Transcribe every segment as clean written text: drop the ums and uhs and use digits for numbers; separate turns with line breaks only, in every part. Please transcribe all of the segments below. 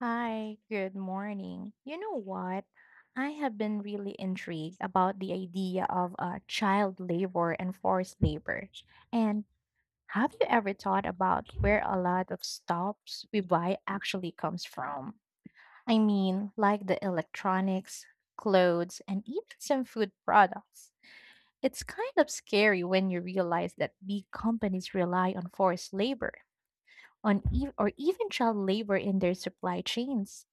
Hi, good morning. You know what? I have been really intrigued about the idea of child labor and forced labor. And have you ever thought about where a lot of stuffs we buy actually comes from? I mean, like the electronics, clothes, and even some food products. It's kind of scary when you realize that big companies rely on forced labor on or even child labor in their supply chains.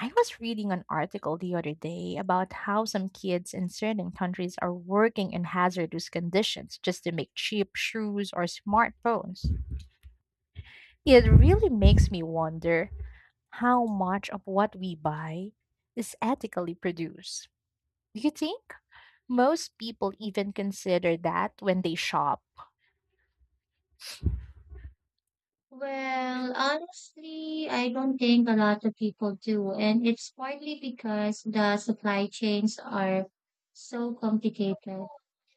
I was reading an article the other day about how some kids in certain countries are working in hazardous conditions just to make cheap shoes or smartphones. It really makes me wonder how much of what we buy is ethically produced. Do you think most people even consider that when they shop?
Well, honestly, I don't think a lot of people do, and it's partly because the supply chains are so complicated.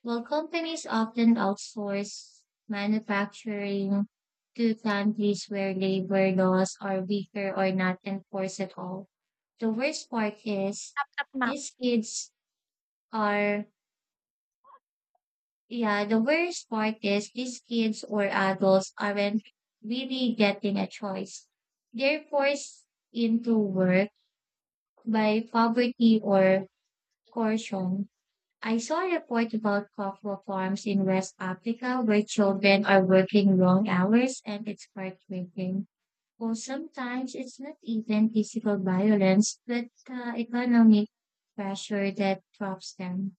Well, companies often outsource manufacturing to countries where labor laws are weaker or not enforced at all. The worst part is
Up, ma'am.
these kids are yeah, the worst part is these kids or adults aren't really getting a choice. They're forced into work by poverty or coercion. I saw a report about cocoa farms in West Africa where children are working long hours, and it's heartbreaking. Well, sometimes it's not even physical violence, but economic pressure that drops them.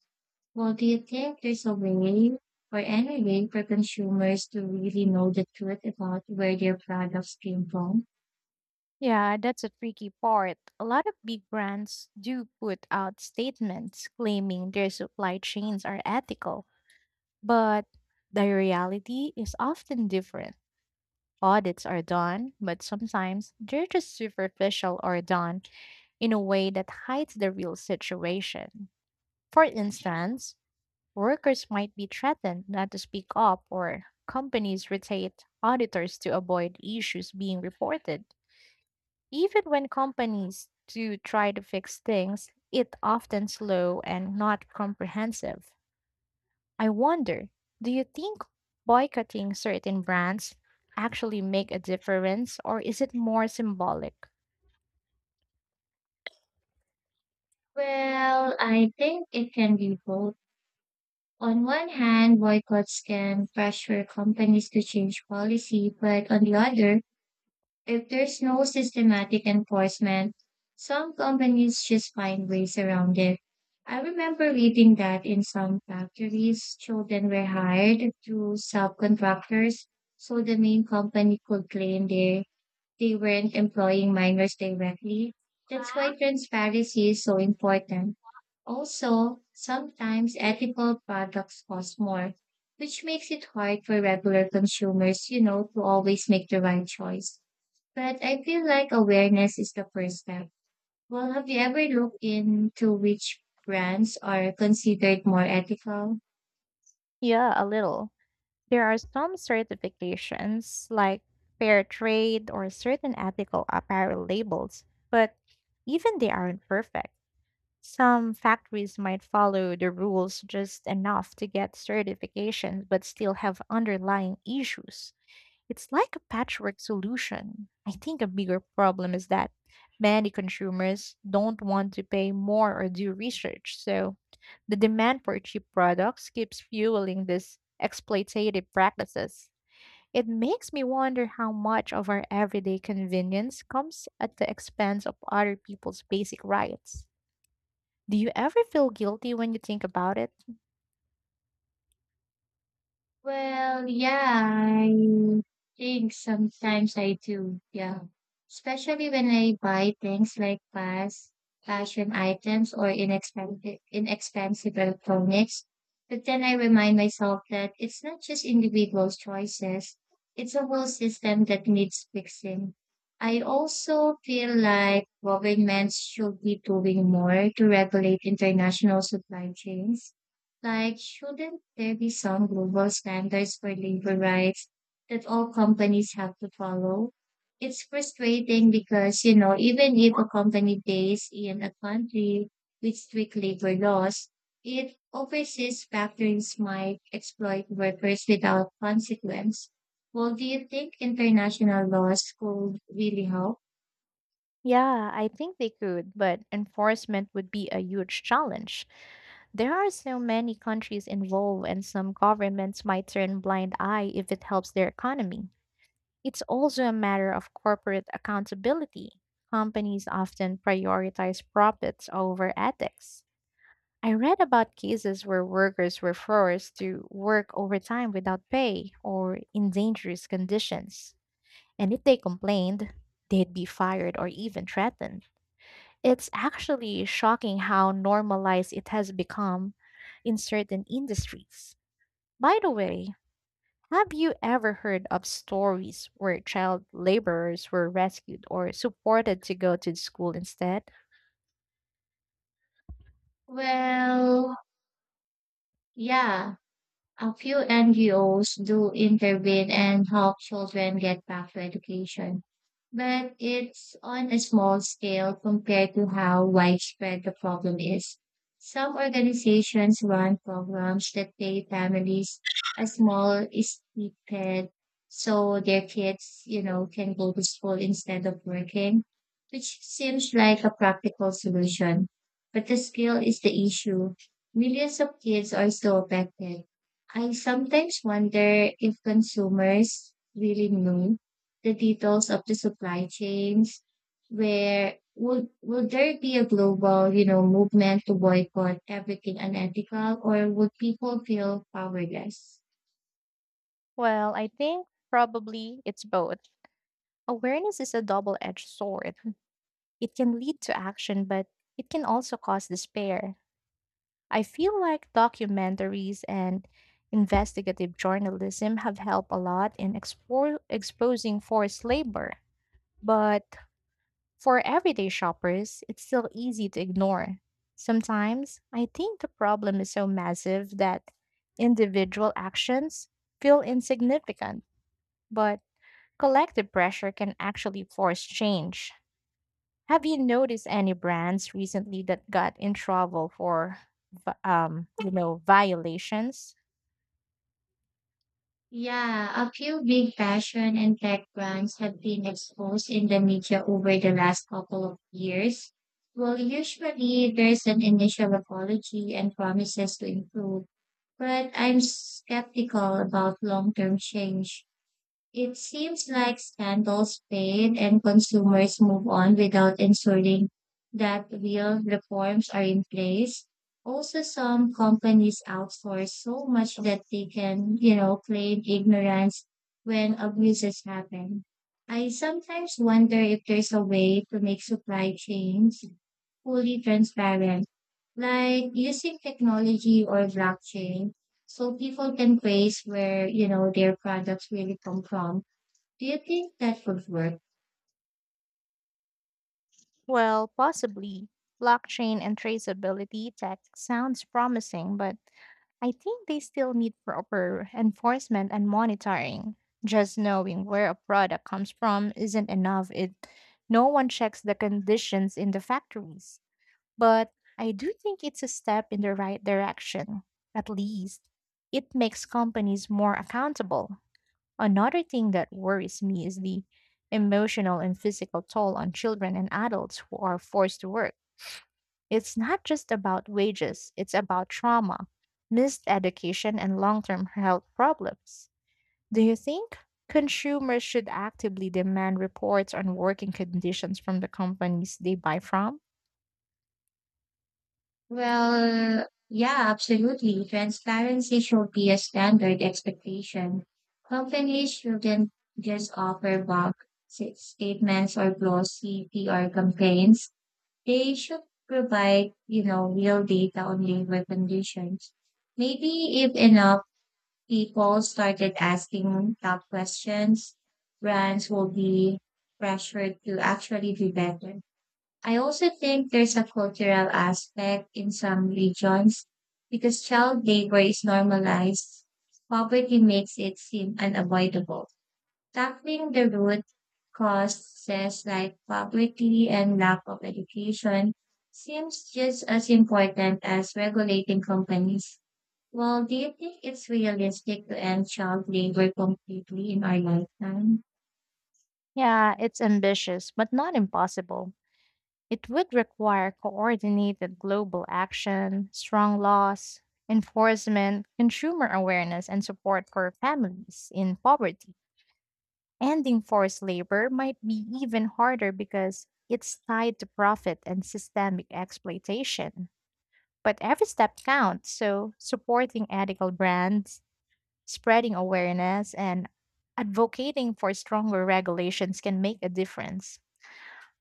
Well, do you think there's a way or any way for consumers to really know the truth about where their products came from?
Yeah, that's a tricky part. A lot of big brands do put out statements claiming their supply chains are ethical, but the reality is often different. Audits are done, but sometimes they're just superficial or done in a way that hides the real situation. For instance, workers might be threatened not to speak up, or companies rotate auditors to avoid issues being reported. Even when companies do try to fix things, it's often slow and not comprehensive. I wonder, do you think boycotting certain brands actually make a difference, or is it more symbolic?
Well, I think it can be both. On one hand, boycotts can pressure companies to change policy, but on the other, if there's no systematic enforcement, some companies just find ways around it. I remember reading that in some factories, children were hired through subcontractors, so the main company could claim they weren't employing minors directly. That's why transparency is so important. Also, sometimes ethical products cost more, which makes it hard for regular consumers, to always make the right choice. But I feel like awareness is the first step. Well, have you ever looked into which brands are considered more ethical?
Yeah, a little. There are some certifications like fair trade or certain ethical apparel labels, but even they aren't perfect. Some factories might follow the rules just enough to get certifications but still have underlying issues. It's like a patchwork solution. I think a bigger problem is that many consumers don't want to pay more or do research. So the demand for cheap products keeps fueling these exploitative practices. It makes me wonder how much of our everyday convenience comes at the expense of other people's basic rights. Do you ever feel guilty when you think about it?
Well, yeah, I think sometimes I do. Yeah. Especially when I buy things like fast fashion items or inexpensive electronics. But then I remind myself that it's not just individual choices. It's a whole system that needs fixing. I also feel like governments should be doing more to regulate international supply chains, like, shouldn't there be some global standards for labor rights that all companies have to follow? It's frustrating because, even if a company based in a country with strict labor laws, it overseas factories might exploit workers without consequence. Well, do you think international laws could really help?
Yeah, I think they could, but enforcement would be a huge challenge. There are so many countries involved, and some governments might turn blind eye if it helps their economy. It's also a matter of corporate accountability. Companies often prioritize profits over ethics. I read about cases where workers were forced to work overtime without pay or in dangerous conditions. And if they complained, they'd be fired or even threatened. It's actually shocking how normalized it has become in certain industries. By the way, have you ever heard of stories where child laborers were rescued or supported to go to school instead?
Well, yeah, a few NGOs do intervene and help children get back to education, but it's on a small scale compared to how widespread the problem is. Some organizations run programs that pay families a small stipend so their kids, can go to school instead of working, which seems like a practical solution. But the skill is the issue. Millions of kids are still affected. I sometimes wonder if consumers really know the details of the supply chains. Where will there be a global, movement to boycott everything unethical, or would people feel powerless?
Well, I think probably it's both. Awareness is a double edged sword. It can lead to action, but it can also cause despair. I feel like documentaries and investigative journalism have helped a lot in exposing forced labor. But for everyday shoppers, it's still easy to ignore. Sometimes I think the problem is so massive that individual actions feel insignificant, but collective pressure can actually force change. Have you noticed any brands recently that got in trouble for, you know, violations?
Yeah, a few big fashion and tech brands have been exposed in the media over the last couple of years. Well, usually there's an initial apology and promises to improve, but I'm skeptical about long term change. It seems like scandals fade and consumers move on without ensuring that real reforms are in place. Also, some companies outsource so much that they can, claim ignorance when abuses happen. I sometimes wonder if there's a way to make supply chains fully transparent, like using technology or blockchain so people can trace where, their products really come from. Do you think that would work?
Well, possibly. Blockchain and traceability tech sounds promising, but I think they still need proper enforcement and monitoring. Just knowing where a product comes from isn't enough. It no one checks the conditions in the factories. But I do think it's a step in the right direction. At least it makes companies more accountable. Another thing that worries me is the emotional and physical toll on children and adults who are forced to work. It's not just about wages, it's about trauma, missed education, and long term health problems. Do you think consumers should actively demand reports on working conditions from the companies they buy from?
Well, yeah, absolutely. Transparency should be a standard expectation. Companies shouldn't just offer bulk statements or glossy PR campaigns. They should provide, real data on labor conditions. Maybe if enough people started asking tough questions, brands will be pressured to actually do better. I also think there's a cultural aspect in some regions because child labor is normalized. Poverty makes it seem unavoidable. Tackling the root causes like poverty and lack of education seems just as important as regulating companies. Well, do you think it's realistic to end child labor completely in our lifetime?
Yeah, it's ambitious, but not impossible. It would require coordinated global action, strong laws, enforcement, consumer awareness, and support for families in poverty. Ending forced labor might be even harder because it's tied to profit and systemic exploitation. But every step counts, so supporting ethical brands, spreading awareness, and advocating for stronger regulations can make a difference.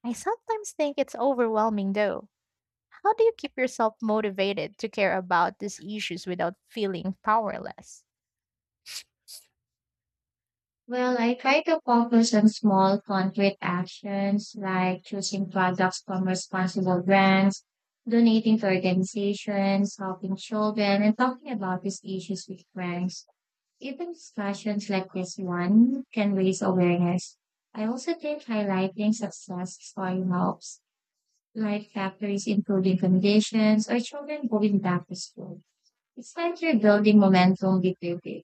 I sometimes think it's overwhelming though. How do you keep yourself motivated to care about these issues without feeling powerless?
Well, I try to focus on small concrete actions like choosing products from responsible brands, donating to organizations, helping children, and talking about these issues with friends. Even discussions like this one can raise awareness. I also think highlighting success story helps, like factories improving conditions or children going back to school. It's like you're building momentum bit by bit,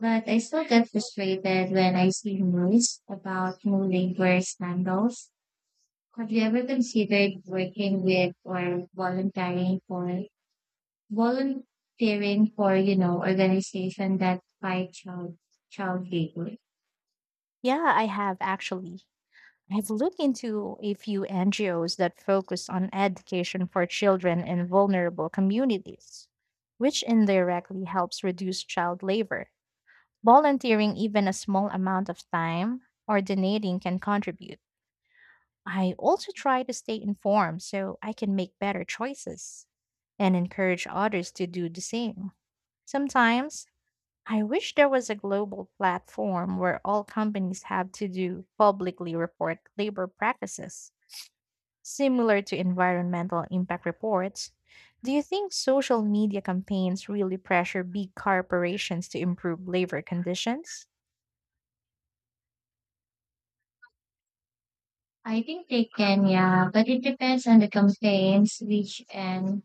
but I still get frustrated when I see news about new labor scandals. Have you ever considered working with or volunteering for, organization that fight child labor?
Yeah, I have actually. I've looked into a few NGOs that focus on education for children in vulnerable communities, which indirectly helps reduce child labor. Volunteering even a small amount of time or donating can contribute. I also try to stay informed so I can make better choices and encourage others to do the same. Sometimes I wish there was a global platform where all companies have to do publicly report labor practices, similar to environmental impact reports. Do you think social media campaigns really pressure big corporations to improve labor conditions?
I think they can, yeah, but it depends on the campaigns, which and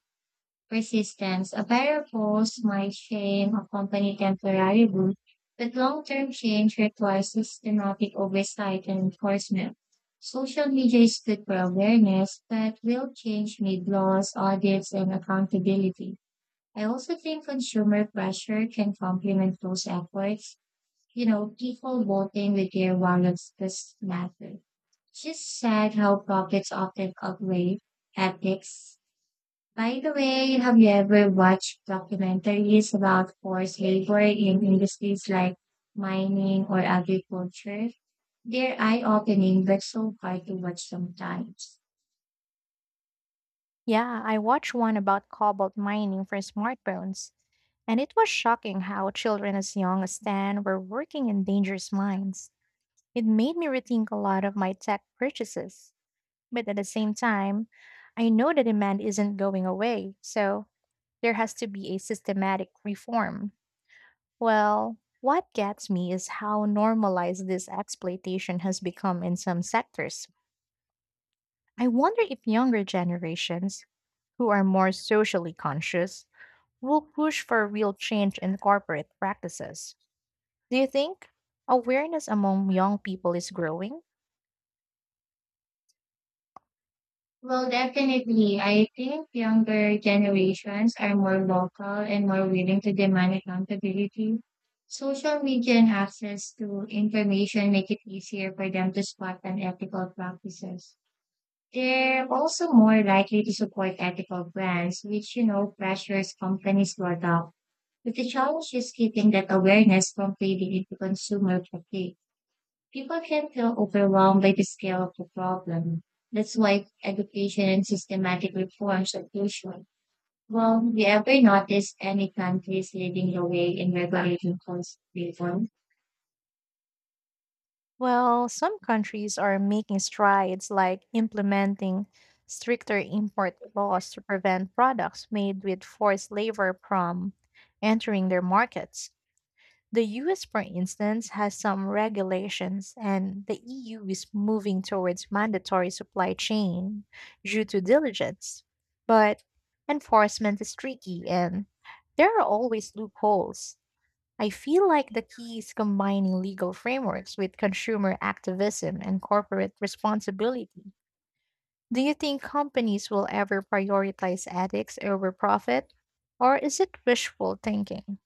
persistence. A pair of might shame accompany temporary good, but long-term change requires systematic oversight and enforcement. Social media is good for awareness, but will change need laws, audits, and accountability. I also think consumer pressure can complement those efforts. You know, people voting with their wallets does matter. It's just sad how profits often outweigh ethics. By the way, have you ever watched documentaries about forced labor in industries like mining or agriculture? They're eye-opening, but so hard to watch sometimes.
Yeah, I watched one about cobalt mining for smartphones. And it was shocking how children as young as 10 were working in dangerous mines. It made me rethink a lot of my tech purchases. But at the same time, I know the demand isn't going away, so there has to be a systematic reform. Well, what gets me is how normalized this exploitation has become in some sectors. I wonder if younger generations, who are more socially conscious, will push for real change in corporate practices. Do you think awareness among young people is growing?
Well, definitely. I think younger generations are more vocal and more willing to demand accountability. Social media and access to information make it easier for them to spot unethical practices. They're also more likely to support ethical brands, which, pressures companies to adopt. But the challenge is keeping that awareness from fading into consumer fatigue. People can feel overwhelmed by the scale of the problem. That's why education and systematic reforms are crucial. Well, have you ever noticed any countries leading the way in regulating cost reform?
Well, some countries are making strides like implementing stricter import laws to prevent products made with forced labor from entering their markets. The US, for instance, has some regulations, and the EU is moving towards mandatory supply chain due to diligence. But enforcement is tricky, and there are always loopholes. I feel like the key is combining legal frameworks with consumer activism and corporate responsibility. Do you think companies will ever prioritize ethics over profit? Or is it wishful thinking?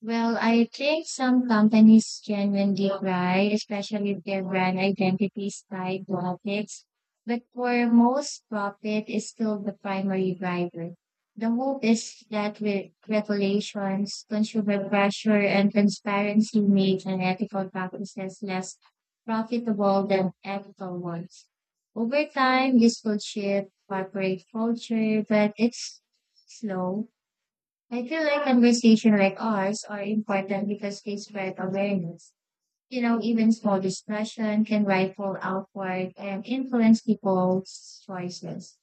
Well, I think some companies genuinely try, especially if their brand identity is tied to ethics. But for most, profit is still the primary driver. The hope is that with regulations, consumer pressure, and transparency make unethical practices less profitable than ethical ones. Over time, this will shift corporate culture, but it's slow. I feel like conversation like ours are important because they spread awareness. You know, even small discussion can ripple outward and influence people's choices.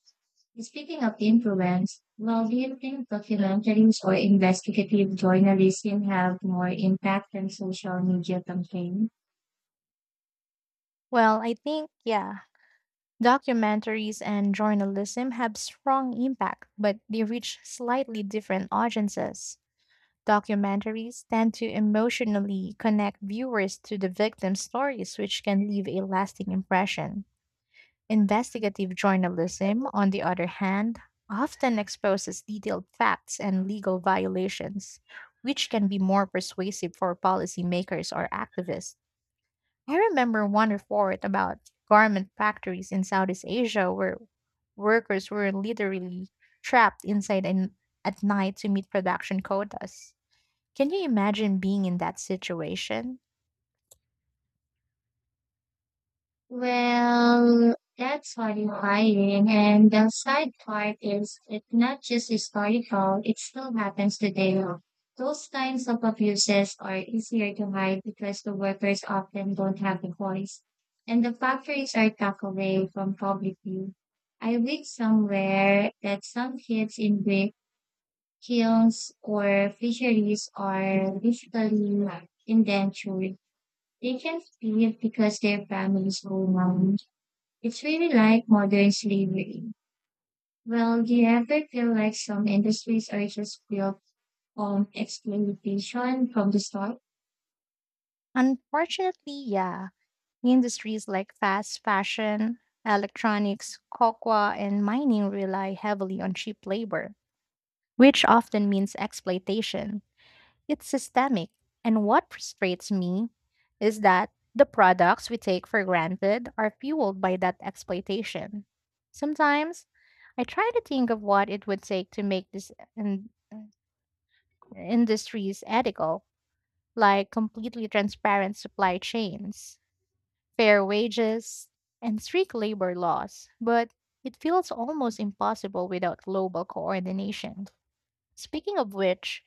Speaking of influence, well, do you think documentaries or investigative journalism have more impact than social media campaigns?
Well, I think, yeah. Documentaries and journalism have strong impact, but they reach slightly different audiences. Documentaries tend to emotionally connect viewers to the victim stories, which can leave a lasting impression. Investigative journalism, on the other hand, often exposes detailed facts and legal violations, which can be more persuasive for policymakers or activists. I remember one report about garment factories in Southeast Asia where workers were literally trapped inside and at night to meet production quotas. Can you imagine being in that situation?
Well, that's horrifying. And the sad part is it's not just historical, it still happens today. Those kinds of abuses are easier to hide because the workers often don't have a voice. And the factories are tucked away from public view. I read somewhere that some kids in brick kilns or fisheries are literally indentured. They can't leave because their families owe money. It's really like modern slavery. Well, do you ever feel like some industries are just built on exploitation from the start?
Unfortunately, yeah. Industries like fast fashion, electronics, cocoa, and mining rely heavily on cheap labor, which often means exploitation. It's systemic. And what frustrates me is that the products we take for granted are fueled by that exploitation. Sometimes I try to think of what it would take to make these industries ethical, like completely transparent supply chains, fair wages, and strict labor laws, but it feels almost impossible without global coordination. Speaking of which,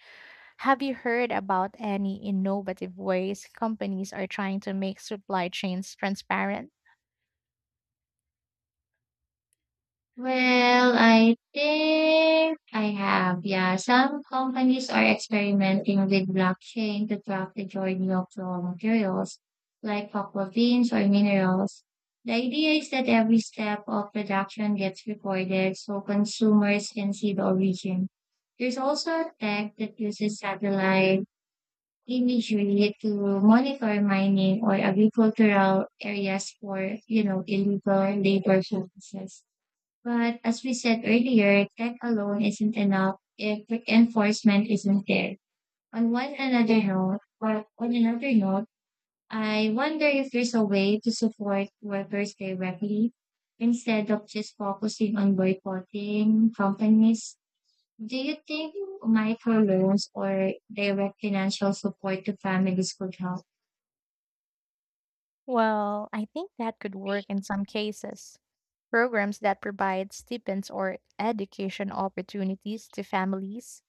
have you heard about any innovative ways companies are trying to make supply chains transparent?
Well, I think I have. Yeah, some companies are experimenting with blockchain to track the journey of raw materials like cocoa beans or minerals. The idea is that every step of production gets recorded so consumers can see the origin. There's also a tech that uses satellite initially to monitor mining or agricultural areas for, illegal labor practices. But as we said earlier, tech alone isn't enough if enforcement isn't there. On another note, I wonder if there's a way to support workers directly instead of just focusing on boycotting companies. Do you think microloans or direct financial support to families could help?
Well, I think that could work in some cases. Programs that provide stipends or education opportunities to families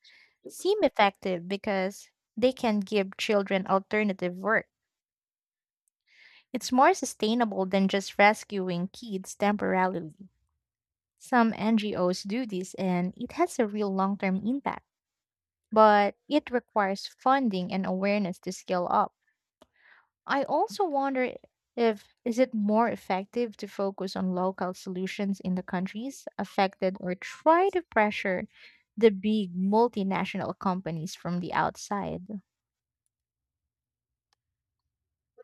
seem effective because they can give children alternative work. It's more sustainable than just rescuing kids temporarily. Some NGOs do this and it has a real long term impact, but it requires funding and awareness to scale up. I also wonder if is it more effective to focus on local solutions in the countries affected or try to pressure the big multinational companies from the outside.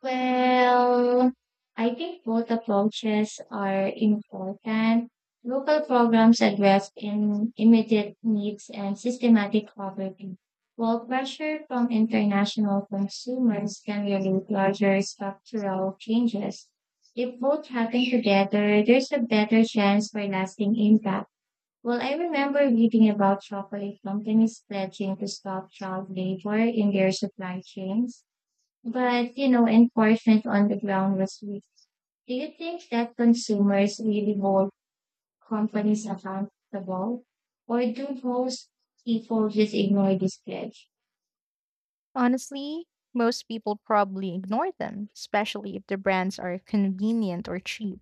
Well, I think both approaches are important. Local programs address in immediate needs and systematic poverty, while pressure from international consumers can relate larger structural changes. If both happen together, there's a better chance for lasting impact. Well, I remember reading about chocolate companies pledging to stop child labor in their supply chains, but enforcement on the ground was weak. Do you think that consumers really hold companies accountable, or do most people just ignore this pledge?
Honestly, most people probably ignore them, especially if the brands are convenient or cheap.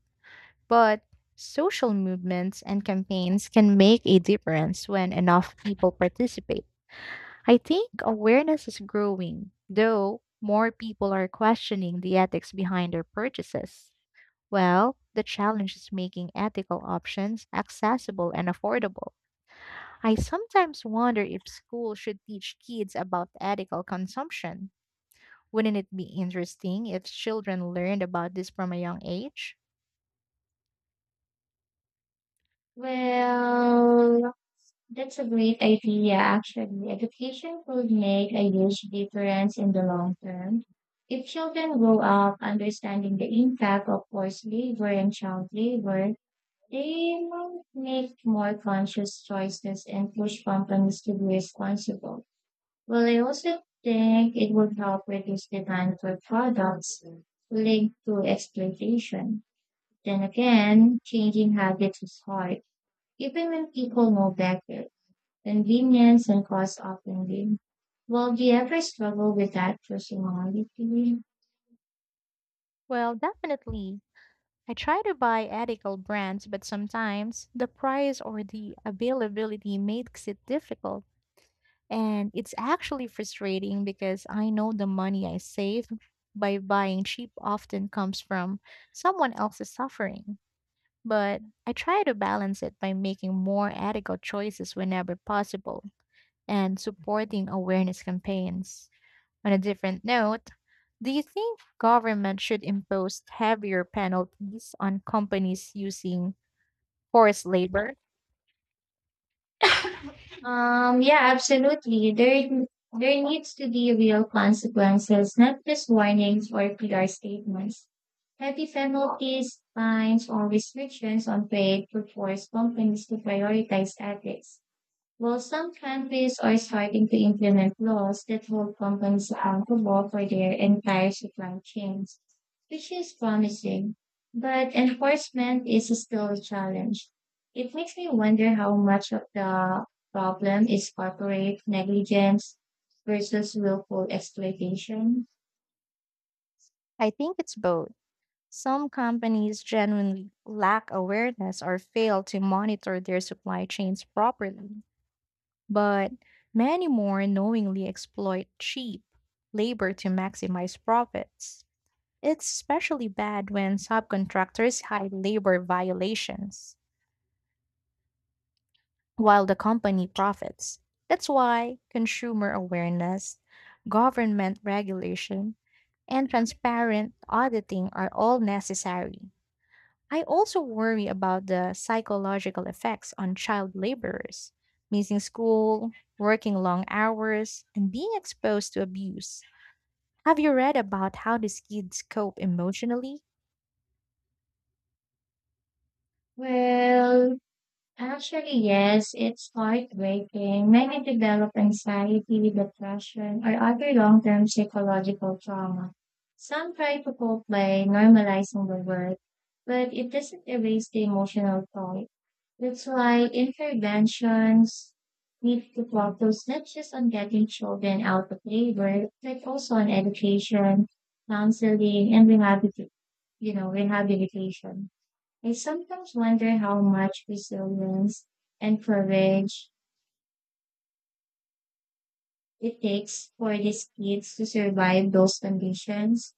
But social movements and campaigns can make a difference when enough people participate. I think awareness is growing, though more people are questioning the ethics behind their purchases. Well, the challenge is making ethical options accessible and affordable. I sometimes wonder if schools should teach kids about ethical consumption. Wouldn't it be interesting if children learned about this from a young age?
Well, that's a great idea, actually. Education could make a huge difference in the long term. If children grow up understanding the impact of forced labor and child labor, they might make more conscious choices and push companies to be responsible. Well, I also think it would help reduce demand for products linked to exploitation. Then again, changing habits is hard, even when people know better. Convenience and cost often win. Well, do you ever struggle with that personality?
Well, definitely. I try to buy ethical brands, but sometimes the price or the availability makes it difficult. And it's actually frustrating because I know the money I save by buying cheap often comes from someone else's suffering. But I try to balance it by making more ethical choices whenever possible and supporting awareness campaigns. On a different note, do you think government should impose heavier penalties on companies using forced labor?
Yeah, absolutely. There needs to be real consequences, not just warnings or PR statements. Heavy penalties, fines, or restrictions on trade could force companies to prioritize ethics. While some countries are starting to implement laws that hold companies accountable for their entire supply chains, which is promising, but enforcement is still a challenge. It makes me wonder how much of the problem is corporate negligence versus willful exploitation.
I think it's both. Some companies genuinely lack awareness or fail to monitor their supply chains properly, but many more knowingly exploit cheap labor to maximize profits. It's especially bad when subcontractors hide labor violations while the company profits. That's why consumer awareness, government regulation, and transparent auditing are all necessary. I also worry about the psychological effects on child laborers, missing school, working long hours, and being exposed to abuse. Have you read about how these kids cope emotionally?
Well, actually, yes, it's heartbreaking. Many develop anxiety, depression, or other long-term psychological trauma. Some try to cope by normalizing the work, but it doesn't erase the emotional toll. That's why interventions need to focus not just on getting children out of labor, but also on education, counseling, and rehabilitation. I sometimes wonder how much resilience and courage it takes for these kids to survive those conditions.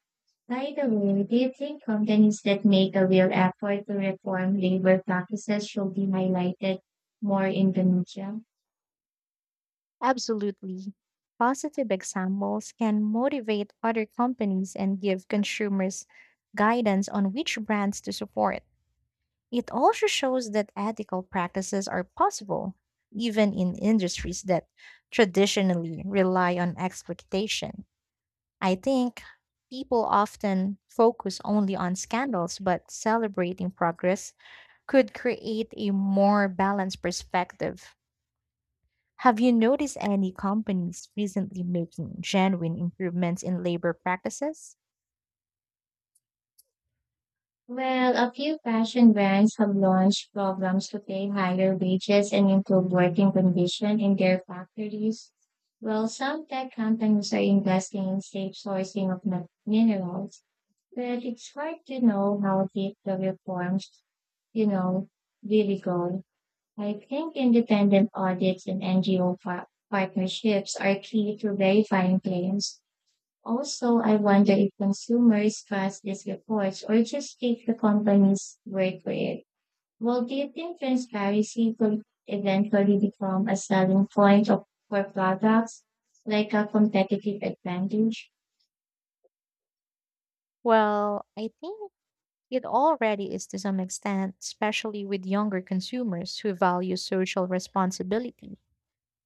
By the way, do you think companies that make a real effort to reform labor practices should be highlighted more in Indonesia?
Absolutely. Positive examples can motivate other companies and give consumers guidance on which brands to support. It also shows that ethical practices are possible, even in industries that traditionally rely on exploitation. I think people often focus only on scandals, but celebrating progress could create a more balanced perspective. Have you noticed any companies recently making genuine improvements in labor practices?
Well, a few fashion brands have launched programs to pay higher wages and improve working conditions in their factories. Well, some tech companies are investing in safe sourcing of minerals. But it's hard to know how deep the reforms, you know, really go. I think independent audits and NGO partnerships are key to verifying claims. Also, I wonder if consumers trust these reports or just take the company's word for it. Well, do you think transparency could eventually become a selling point for products, like a competitive advantage?
Well, I think it already is to some extent, especially with younger consumers who value social responsibility.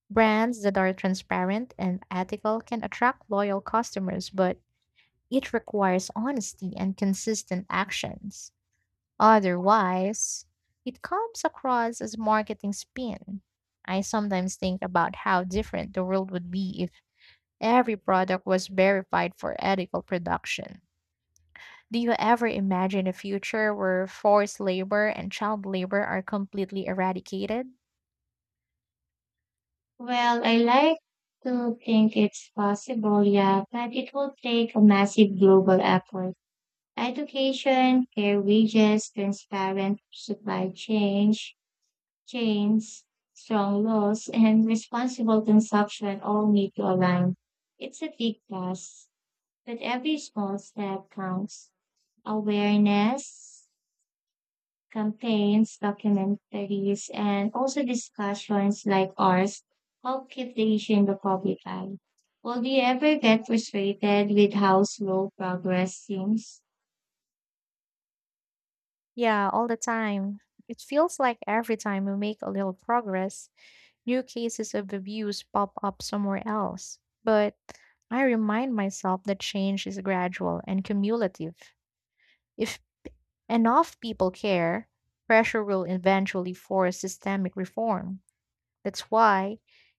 Brands that are transparent and ethical can attract loyal customers, but it requires honesty and consistent actions. Otherwise, it comes across as marketing spin. I sometimes think about how different the world would be if every product was verified for ethical production. Do you ever imagine a future where forced labor and child labor are completely eradicated?
Well, I like to think it's possible, yeah, but it will take a massive global effort. Education, fair wages, chains, strong laws, and responsible consumption all need to align. It's a big task, but every small step counts. Awareness, campaigns, documentaries, and also discussions like ours help keep the issue in the public eye. Will do you ever get frustrated with how slow progress seems?
Yeah, all the time. It feels like every time we make a little progress, new cases of abuse pop up somewhere else. But I remind myself that change is gradual and cumulative. If enough people care, pressure will eventually force systemic reform. That's why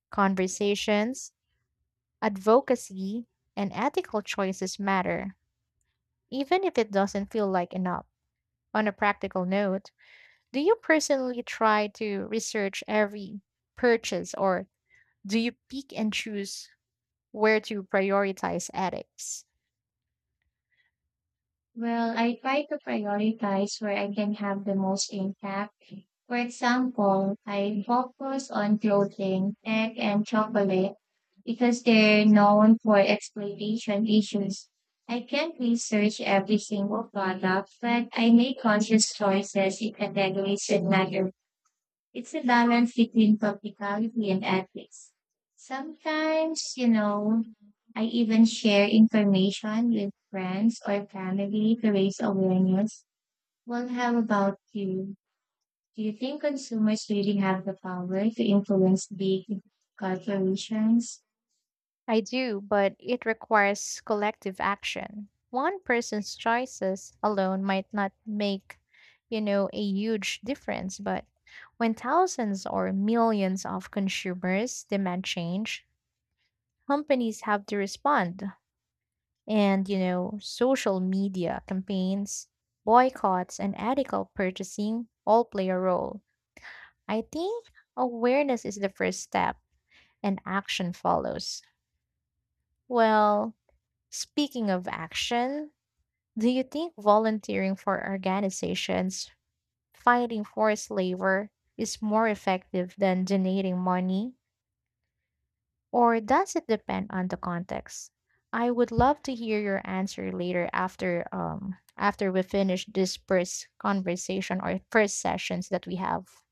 conversations, advocacy, and ethical choices matter, even if it doesn't feel like enough. On a practical note, do you personally try to research every purchase, or do you pick and choose where to prioritize ethics?
Well, I try to prioritize where I can have the most impact. For example, I focus on clothing, tech, and chocolate because they're known for exploitation issues. I can't research every single product, but I make conscious choices in categories that matter. It's a balance between practicality and ethics. Sometimes, I even share information with friends or family to raise awareness. Well, how about you? Do you think consumers really have the power to influence big corporations?
I do, but it requires collective action. One person's choices alone might not make, you know, a huge difference, but when thousands or millions of consumers demand change, companies have to respond. And, you know, social media campaigns, boycotts, and ethical purchasing all play a role. I think awareness is the first step and action follows. Well, speaking of action, do you think volunteering for organizations fighting forced labor is more effective than donating money, or does it depend on the context? I would love to hear your answer later after after we finish this first conversation or first sessions that we have.